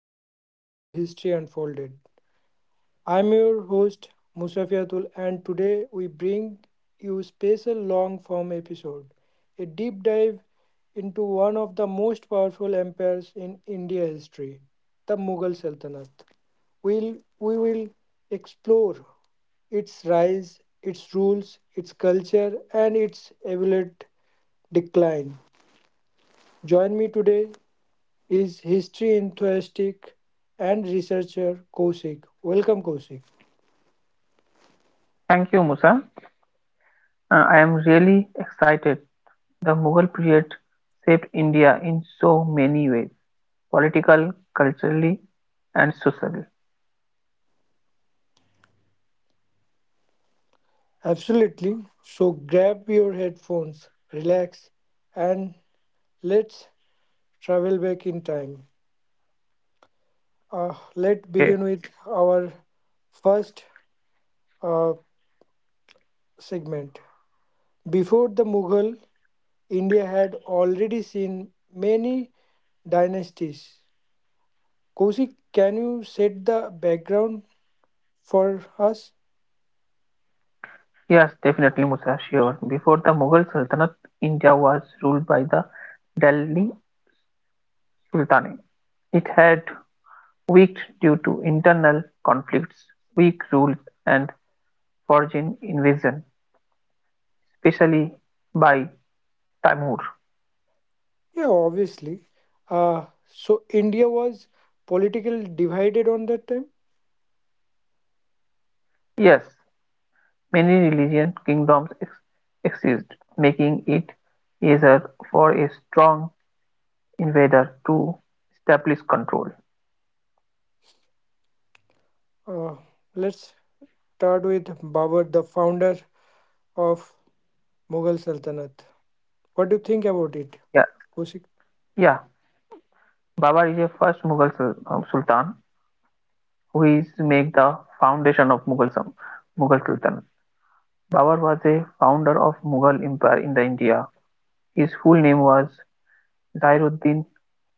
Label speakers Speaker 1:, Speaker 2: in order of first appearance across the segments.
Speaker 1: and welcome to History Unfolded. I'm your host, Musafiatul, and today we bring you special long form episode, a deep dive into one of the most powerful empires in India history, the Mughal Sultanate. We will explore its rise, its rules, its culture, and its evident decline. Join me today is history enthusiast and researcher Kosik. Welcome, Kosik.
Speaker 2: Thank you, Musa. I am really excited. The Mughal period shaped India in so many ways political, culturally, and socially.
Speaker 1: Absolutely. So grab your headphones, relax, and let's travel back in time. Let's
Speaker 2: Okay.
Speaker 1: begin with our first uh, segment. Before the Mughal, India had already seen many dynasties. Kosik, can you set the background for us?
Speaker 2: Yes, definitely, Musa, sure. Before the Mughal Sultanate, India was ruled by the Delhi Sultanate. It had weakened due to internal conflicts, weak rules, and foreign invasion, especially by Timur.
Speaker 1: Yeah, obviously. So India was politically divided on that time.
Speaker 2: Yes, many religious kingdoms ex exist, making it easier for a strong invader to establish control.
Speaker 1: Uh, let's start with Babur, the founder of Mughal Sultanate. What do you think about it,
Speaker 2: Yeah,
Speaker 1: Kosik?
Speaker 2: yeah. Babar is a first Mughal sultan who is make the foundation of Mughal sultan. Babar was a founder of Mughal Empire in the India. His full name was Zairuddin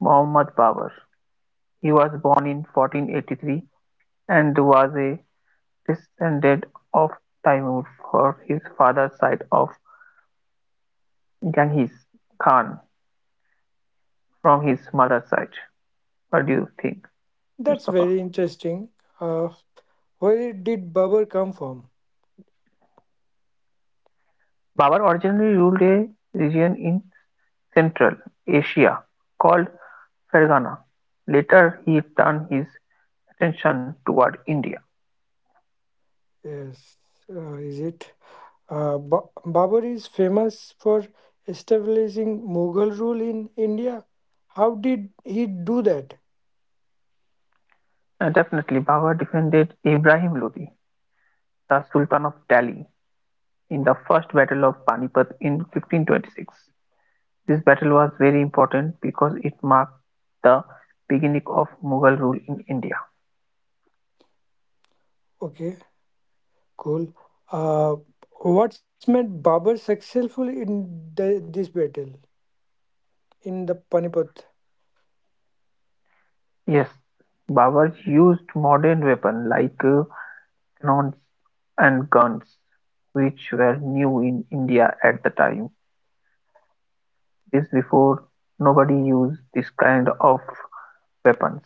Speaker 2: Muhammad Babar. He was born in 1483 and was a descendant of Timur from his father's side of Genghis Khan from his mother's side. What do you think,
Speaker 1: That's
Speaker 2: Mustafa?
Speaker 1: very interesting. Uh, where did Babur come from?
Speaker 2: Babar originally ruled a region in Central Asia called Fergana. Later, he turned his attention toward India.
Speaker 1: Yes, is it? Babur is famous for establishing Mughal rule in India. How did he do that?
Speaker 2: And definitely, Babar defended Ibrahim Lodi, the Sultan of Delhi, in the First Battle of Panipat in 1526. This battle was very important because it marked the beginning of Mughal rule in India.
Speaker 1: Okay. Cool. Uh, what's made Babar successful in this battle in the Panipat?
Speaker 2: Yes, Babur used modern weapons like cannons and guns, which were new in India at the time. This before nobody used this kind of weapons.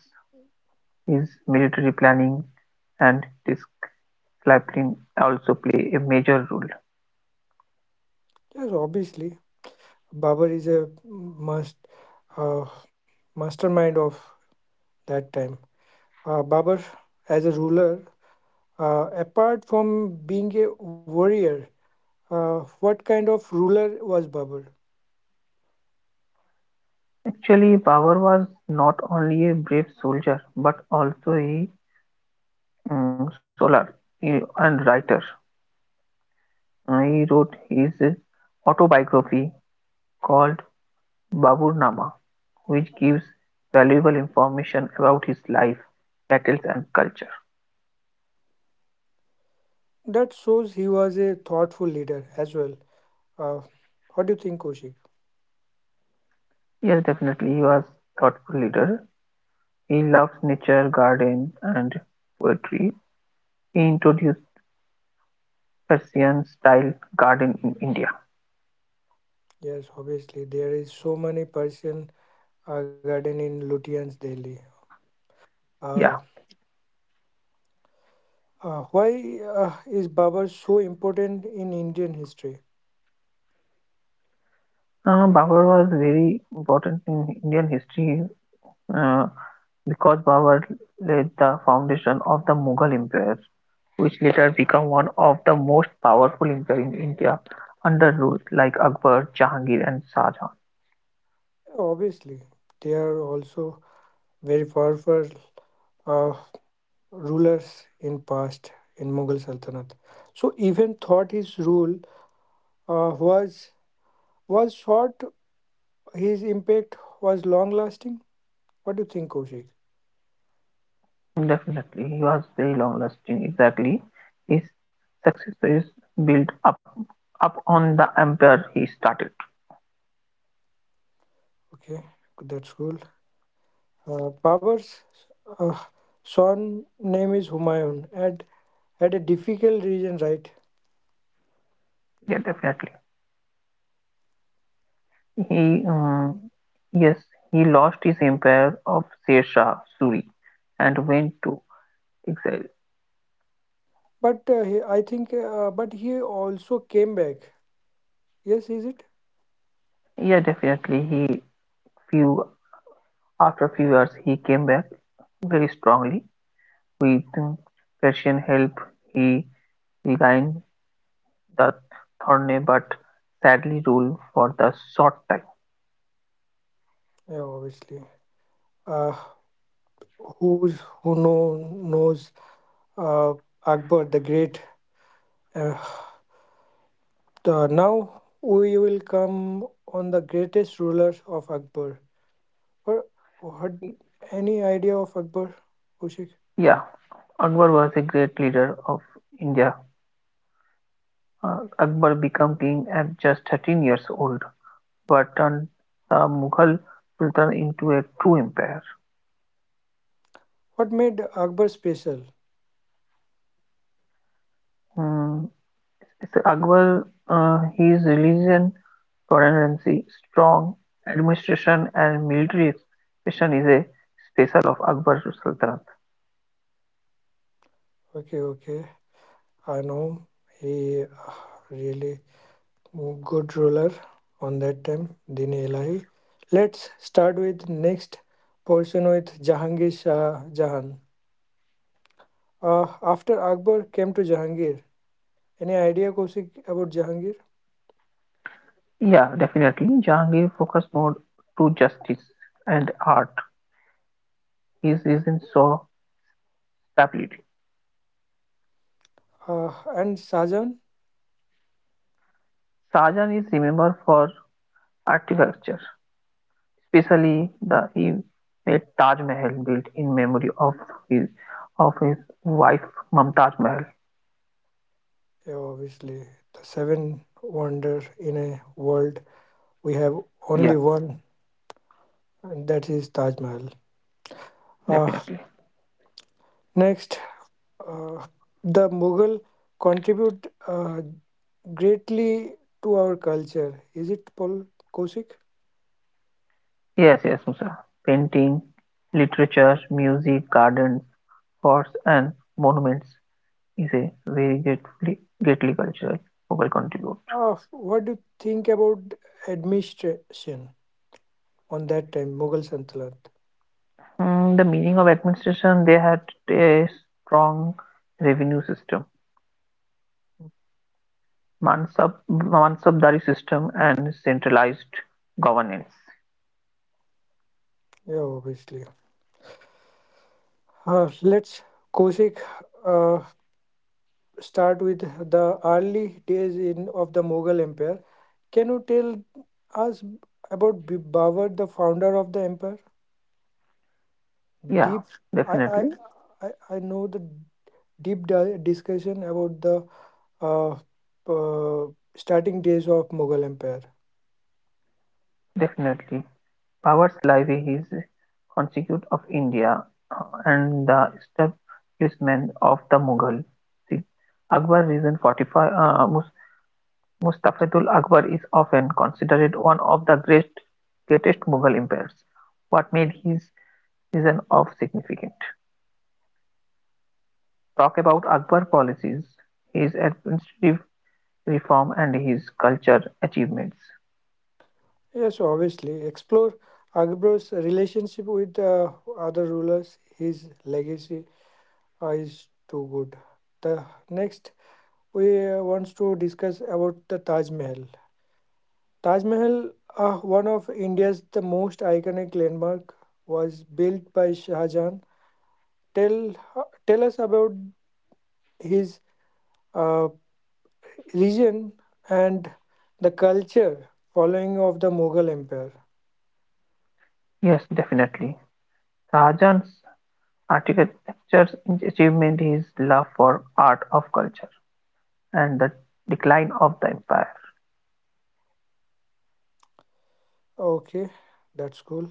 Speaker 2: His military planning and discipline also play a major role.
Speaker 1: Yes, obviously, Babar is a must uh, mastermind of that time. Babar, as a ruler, apart from being a warrior, what kind of ruler was Babar?
Speaker 2: Actually, Babur was not only a brave soldier but also a Solar and writer. He wrote his autobiography called Baburnama, which gives valuable information about his life, battles, and culture.
Speaker 1: That shows he was a thoughtful leader as well. Uh, what do you think, Koshik?
Speaker 2: Yes, definitely, he was thoughtful leader. He loves nature, garden, and poetry. He introduced Persian style garden in India.
Speaker 1: Yes, obviously, there is so many Persian garden in Lutyens, Delhi.
Speaker 2: Yeah,
Speaker 1: Uh, why is Babar so important in Indian history?
Speaker 2: Babur was very important in Indian history uh, because Babur laid the foundation of the Mughal Empire, which later became one of the most powerful empires in India under rulers like Akbar, Jahangir and Shah Jahan.
Speaker 1: Obviously, they are also very powerful uh, rulers in past in Mughal Sultanate. So even thought his rule uh, was was short, his impact was long lasting. What do you think, Kaushik?
Speaker 2: Definitely, he was very long-lasting. Exactly, his successors built up on the empire he started.
Speaker 1: Okay, that's cool. Babur's uh, son name is Humayun and had a difficult region, right?
Speaker 2: Yeah, definitely. He, yes, he lost his empire of Sher Shah Suri and went to exile.
Speaker 1: But he, I think, but he also came back. Yes, is it?
Speaker 2: Yeah, definitely. He few After few years he came back very strongly; with Persian help he regained the throne but sadly ruled for the short
Speaker 1: Yeah, obviously. Uh, who knows uh, Akbar the Great? Uh, now we will come on the greatest ruler of Akbar. Or what?
Speaker 2: time.
Speaker 1: Any idea of Akbar, Kushik?
Speaker 2: Yeah, Akbar was a great leader of India. Uh, Akbar became king at just 13 years old, but turned the Mughal Sultan into a true empire.
Speaker 1: What made Akbar special?
Speaker 2: Hmm, Is Akbar, his religion, tolerance, strong administration and military expression is a special of Akbar's Sultanate.
Speaker 1: Okay, okay. I know he really good ruler on that time, Din Ilahi. Let's start with next portion with Jahangir Shah Jahan. After Akbar came to Jahangir, any idea Kosik about Jahangir
Speaker 2: Yeah, definitely. Jahangir focused more to justice and art. His reason saw stability.
Speaker 1: and Shahjahan?
Speaker 2: Shahjahan is remembered for architecture, especially the he made Taj Mahal built in memory of his his wife Mumtaz Mahal.
Speaker 1: Yeah, obviously, the seven wonder in a world we have
Speaker 2: Yeah,
Speaker 1: only one, and that is Taj Mahal. Uh,
Speaker 2: definitely.
Speaker 1: next, Uh, the Mughal contribute greatly to our culture. Is it Paul Kosik?
Speaker 2: Yes, yes, Musa. Painting, literature, music, gardens, forts, and monuments is a very greatly, greatly cultural focal contribute.
Speaker 1: What do you think about administration on that time, Mughal Santalat?
Speaker 2: Mm, the meaning of administration, they had a strong revenue system, mansabdari system, and centralized governance.
Speaker 1: Yeah, obviously. Let's Kosik uh, start with the early days in of the Mughal Empire. Can you tell us about Babur, the founder of the empire?
Speaker 2: Yeah,
Speaker 1: Deep, I I
Speaker 2: definitely,
Speaker 1: I know the deep discussion about the uh, uh, starting days of Mughal Empire.
Speaker 2: definitely. Powers Levy is constituent of India and the establishment of the Mughal Akbar reign Mustafazul Akbar is often considered one of the greatest Mughal empires. What made his reign of significant? Talk about Akbar policies, his administrative reform and his culture achievements.
Speaker 1: Yes, obviously. Explore Akbar's relationship with other rulers. His legacy is too good. The next we wants to discuss about the Taj Mahal. Taj Mahal, one of India's the most iconic landmark, was built by Shah Jahan. Tell us about his uh, region and the culture following of the Mughal Empire.
Speaker 2: Yes, definitely. Shahjahan's Architecture's achievement is love for art of culture and the decline of the empire.
Speaker 1: Okay, that's cool.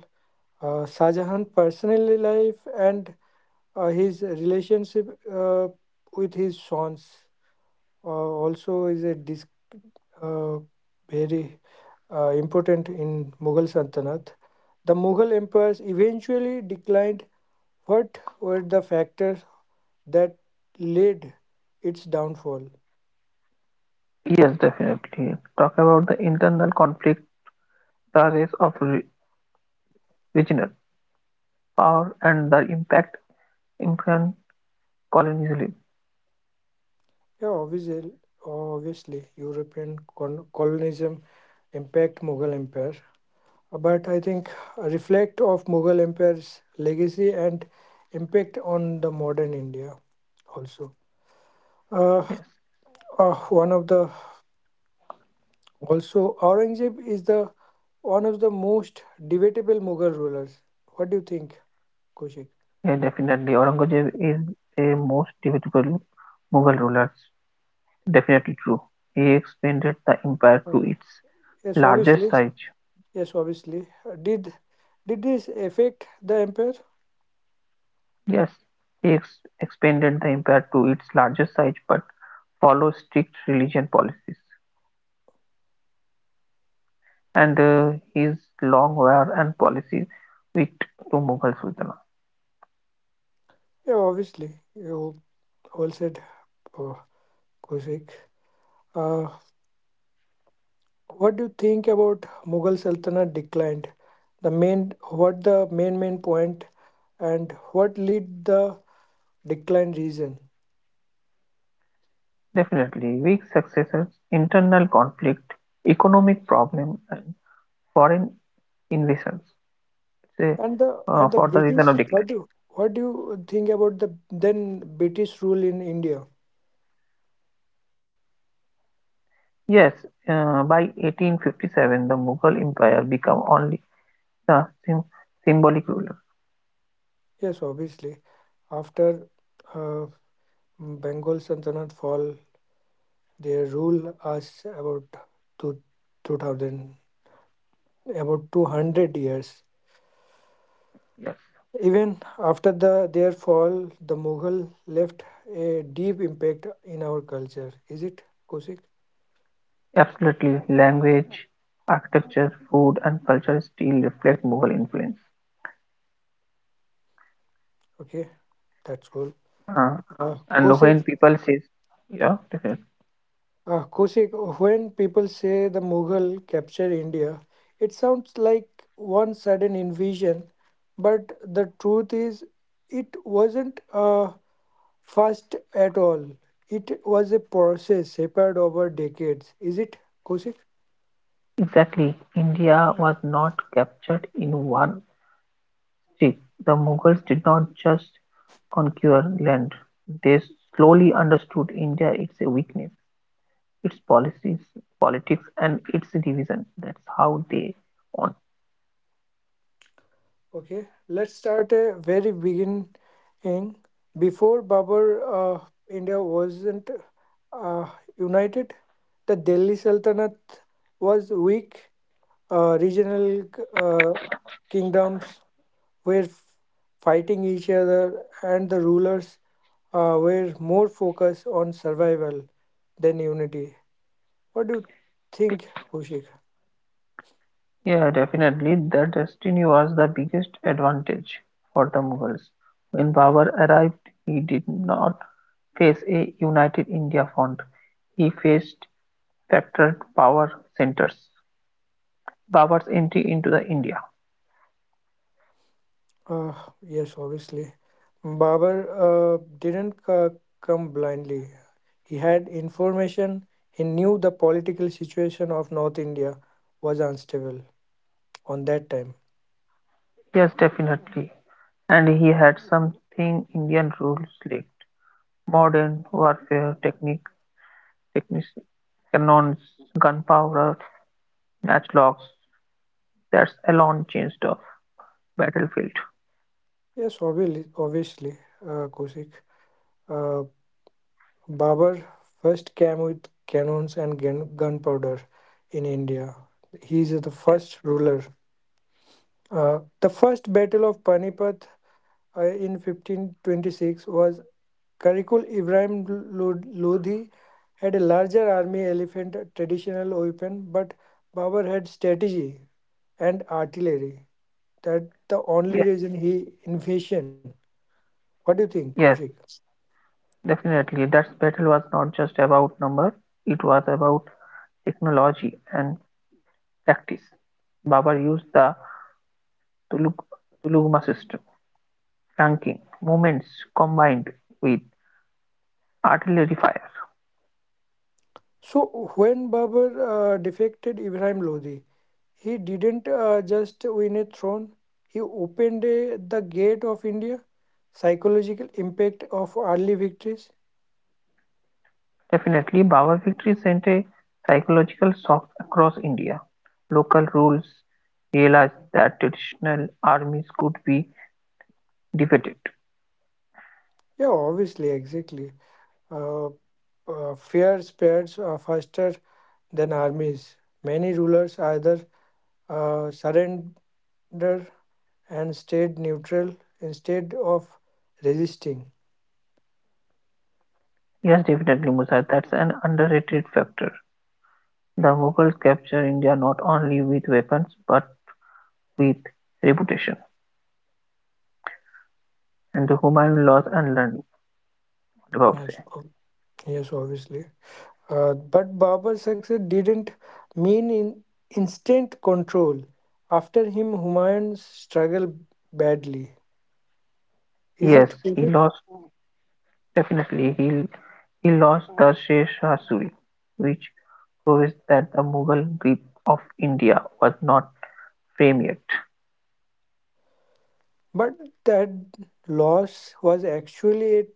Speaker 1: Shah Jahan personal life and his relationship with his sons also is a uh, very important in Mughal Sultanate. The Mughal empires eventually declined. What were the factors that led its downfall?
Speaker 2: Yes, definitely. Talk about the internal conflict, the race of regional power, and the impact Indian colonialism.
Speaker 1: Yeah, obviously, European colonialism impact Mughal Empire, but I think a reflect of Mughal Empire's legacy and impact on the modern India also. Uh,
Speaker 2: Yes,
Speaker 1: one of the also Aurangzeb is the one of the most debatable Mughal rulers. What do you think, Kaushik?
Speaker 2: yeah, definitely. Aurangzeb is a most debatable Mughal ruler. Definitely true. He expanded the empire to
Speaker 1: Uh,
Speaker 2: its
Speaker 1: yes,
Speaker 2: largest
Speaker 1: obviously.
Speaker 2: size.
Speaker 1: Yes, obviously. Did this affect the empire?
Speaker 2: Yes, he ex expanded the empire to its largest size but followed strict religion policies, and his long war and policies weak to Mughal Sultanate.
Speaker 1: Yeah, obviously. You. Well said, uh, Kaushik. Uh, what do you think about Mughal Sultanate declined? The main, what the main point, and what lead the decline reason?
Speaker 2: Definitely, weak successors, internal conflict, economic problem, and foreign invasions. Say,
Speaker 1: And the and the
Speaker 2: for the reason of
Speaker 1: British.
Speaker 2: decline.
Speaker 1: What do you think about the then British rule in India?
Speaker 2: Yes, by 1857, the Mughal Empire became only the symbolic ruler.
Speaker 1: Yes, obviously, after uh, Bengal Sultanate fall, their rule us about two two thousand about 200 years.
Speaker 2: Yes.
Speaker 1: Even after their fall, the Mughal left a deep impact in our culture. Is it Kosik?
Speaker 2: Absolutely, language, architecture, food, and culture still reflect Mughal influence.
Speaker 1: Okay, that's cool.
Speaker 2: Uh,
Speaker 1: Uh,
Speaker 2: and when
Speaker 1: Kosik,
Speaker 2: people say, yeah, definitely.
Speaker 1: Kosik, when people say the Mughal captured India, it sounds like one sudden invasion, but the truth is, it wasn't fast at all. It was a process shaped over decades. Is it Kosik?
Speaker 2: Exactly, India was not captured in one step. The Mughals did not just conquer land, they slowly understood India, its weakness, its policies, politics, and its division. That's how they won.
Speaker 1: Okay, let's start a very begin King. Before Babur, uh, India wasn't uh, united. The Delhi Sultanate was weak. Regional uh, kingdoms were fighting each other, and the rulers were more focused on survival than unity. What do you think, Kushik?
Speaker 2: Yeah, definitely. Their destiny was the biggest advantage for the Mughals. When Babur arrived, he did not face a united India front. He faced fractured power centers. Babur's entry into the India.
Speaker 1: Uh, yes, obviously. Babur didn't come blindly. He had information. He knew the political situation of North India was unstable on that time.
Speaker 2: Yes, definitely. And he had something Indian rules lacked. Modern techniques, cannons, gunpowder, matchlocks. That's alone changed the battlefield.
Speaker 1: Yes, obviously, Kosik. Uh, Babur first came with cannons and gunpowder in India. He is the
Speaker 2: Yes.
Speaker 1: first ruler. The first battle of Panipat in 1526 was Karikul Ibrahim Lodhi had a larger army elephant traditional weapon, but Babur had strategy and artillery. That the only reason he invasion. What do you think, Kaushik?
Speaker 2: Yes, definitely. That battle was not just about number; it was about technology and tactics. Babar used the Tulug- Tulugma system, flanking movements combined with artillery fire.
Speaker 1: So when Babur defected Ibrahim Lodhi, he didn't just win a throne. He opened the gate of India. Psychological impact of early victories.
Speaker 2: Definitely, Babar victory sent a psychological shock across India. Local rules realized that traditional armies could be defeated.
Speaker 1: Yeah, obviously, exactly. Uh, fear spreads faster than armies. Many rulers either surrendered and stayed neutral instead of resisting.
Speaker 2: Yes, definitely, Musa, that's an underrated factor. The Mughals captured India not only with weapons but with reputation, and the Humayun lost and learned what about
Speaker 1: Yes, o- yes, obviously. But Babur's success didn't mean in instant control. After him, Humayun struggled badly. Is
Speaker 2: learning.
Speaker 1: it?
Speaker 2: Yes, he lost definitely. He lost the Sheshasuri, which proves that the Mughal grip of India was not firm yet.
Speaker 1: But that loss was actually a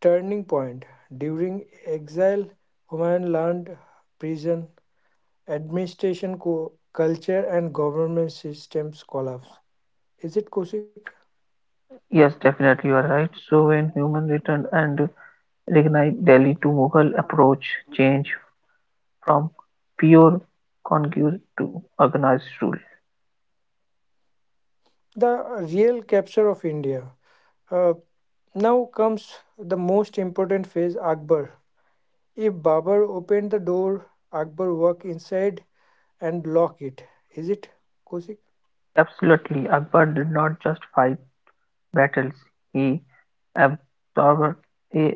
Speaker 1: turning point. During exile, Humayun learned prison administration culture and government systems collapse. Is it Kosik?
Speaker 2: Yes, definitely you are right. So when Humayun returned and reignited Delhi to Mughal approach changed from pure conquest to organized rule.
Speaker 1: The real capture of India. Uh, now comes the most important phase Akbar. If Babar opened the door, Akbar walked inside and locked it. Is it Kosik?
Speaker 2: Absolutely, Akbar did not just fight battles, he absorbed eh,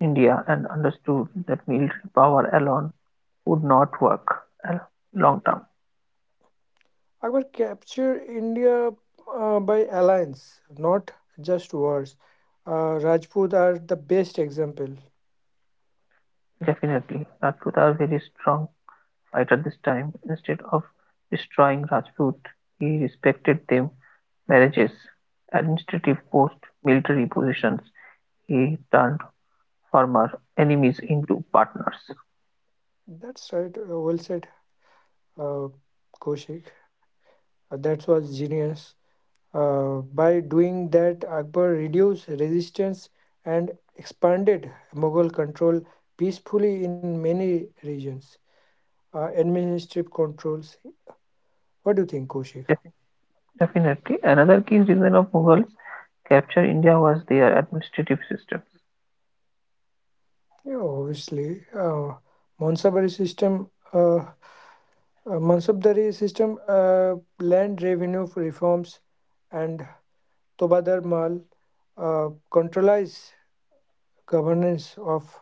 Speaker 2: India and understood that military power alone would not work uh, long term.
Speaker 1: I would capture India by alliance, not just wars. Rajput are the best example.
Speaker 2: Definitely, Rajput are very strong fighter this time. Instead of destroying Rajput, he respected them marriages, administrative posts, military positions. He turned former enemies into partners.
Speaker 1: That's right. Well said, uh, Kaushik. That was genius. By doing that, Akbar reduced resistance and expanded Mughal control peacefully in many regions. Administrative controls. What do you think, Kaushik?
Speaker 2: Definitely. Another key reason of Mughals capture India was their administrative system.
Speaker 1: Yeah, obviously, Mansabdari system, Mansabdari system, uh, land revenue reforms, and Tobadar Mal, controlize governance of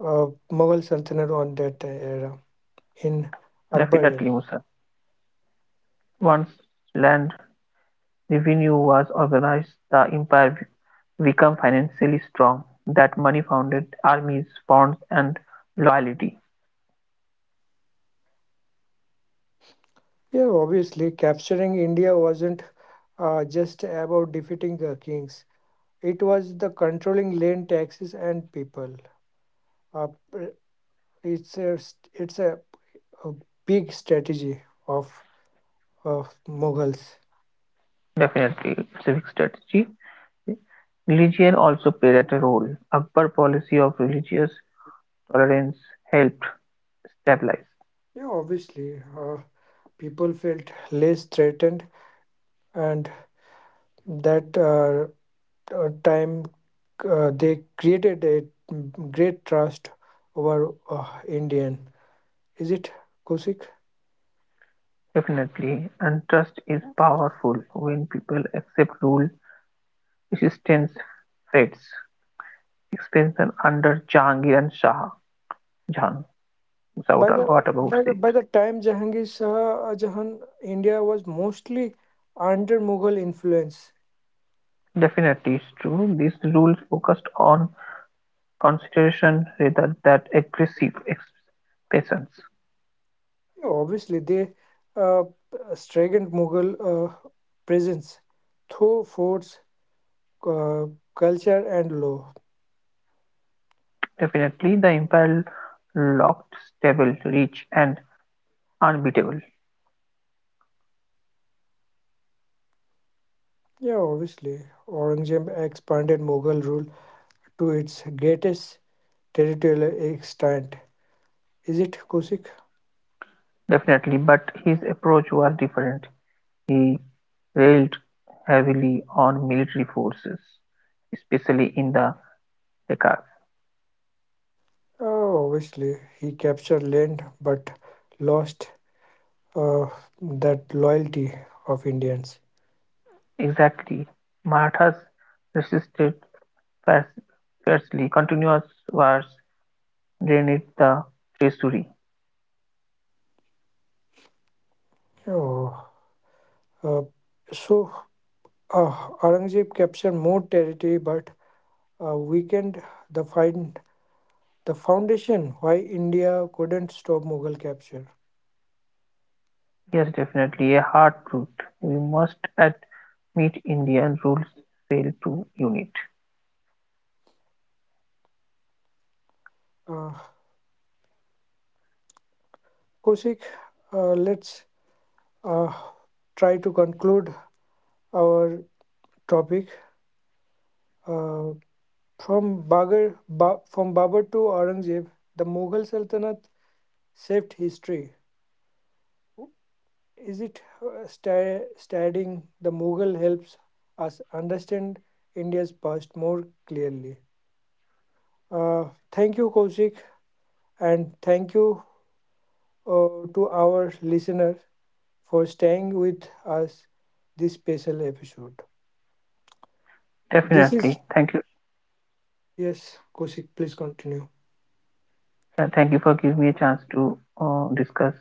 Speaker 1: Mughal Sultanate on that era in Akbar era.
Speaker 2: Definitely, Musa. Once land revenue was organized, the empire became financially strong. That money founded armies, bonds, and loyalty.
Speaker 1: Yeah, obviously, capturing India wasn't just about defeating kings. It was the controlling land taxes and people. Uh, it's a, it's a big strategy of, of Mughals.
Speaker 2: Definitely, it's strategy. Religion also played a role. Akbar policy of religious tolerance helped stabilize.
Speaker 1: Yeah, obviously, people felt less threatened, and that time they created a great trust over Indian. Is it Kosik?
Speaker 2: Definitely, and trust is powerful when people accept rule. Resistance fades, expansion under Jahangir and Shah Jahan
Speaker 1: By the by the,
Speaker 2: whataboutism.
Speaker 1: by the time Jahangir Shah Jahan, India was mostly under Mughal influence.
Speaker 2: Definitely is true, these rules focused on consideration rather than aggressive expansions.
Speaker 1: Yeah, obviously, they uh, strengthened Mughal presence through forts uh, culture and law.
Speaker 2: Definitely the empire looked stable, rich and unbeatable.
Speaker 1: Yeah, obviously. Aurangzeb expanded Mughal rule to its greatest territorial extent. Is it Kusik?
Speaker 2: Definitely, but his approach was different. He relied heavily on military forces, especially in the Deccan.
Speaker 1: Oh, obviously. He captured land but lost uh, that loyalty of Indians.
Speaker 2: Exactly, Marathas resisted fier- fiercely; continuous wars drained the treasury.
Speaker 1: Oh, uh, so, uh, Aurangzeb captured more territory but weakened the, find, the foundation why India couldn't stop Mughal capture.
Speaker 2: Yes, definitely a hard truth. We must admit Indian rules fail to unite.
Speaker 1: Uh, Koshik, let's uh, try to conclude our topic. Uh, from Babur to Aurangzeb, the Mughal Sultanate shaped history. Is it studying the Mughal helps us understand India's past more clearly? Uh, thank you, Koshik, and thank you to our listener for staying with us this special episode. This is
Speaker 2: Definitely. Thank you.
Speaker 1: yes, Koshik, please continue.
Speaker 2: Thank you for giving me a chance to discuss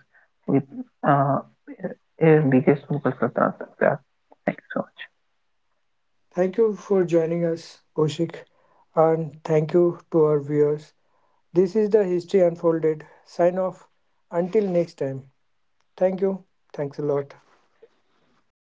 Speaker 2: with uh, a biggest Mughal Sultan. Yeah. Thank you so much.
Speaker 1: Thank you for joining us, Koshik, and thank you to our viewers. This is the History Unfolded. Sign off. Until next time. Thank you. Thanks a lot.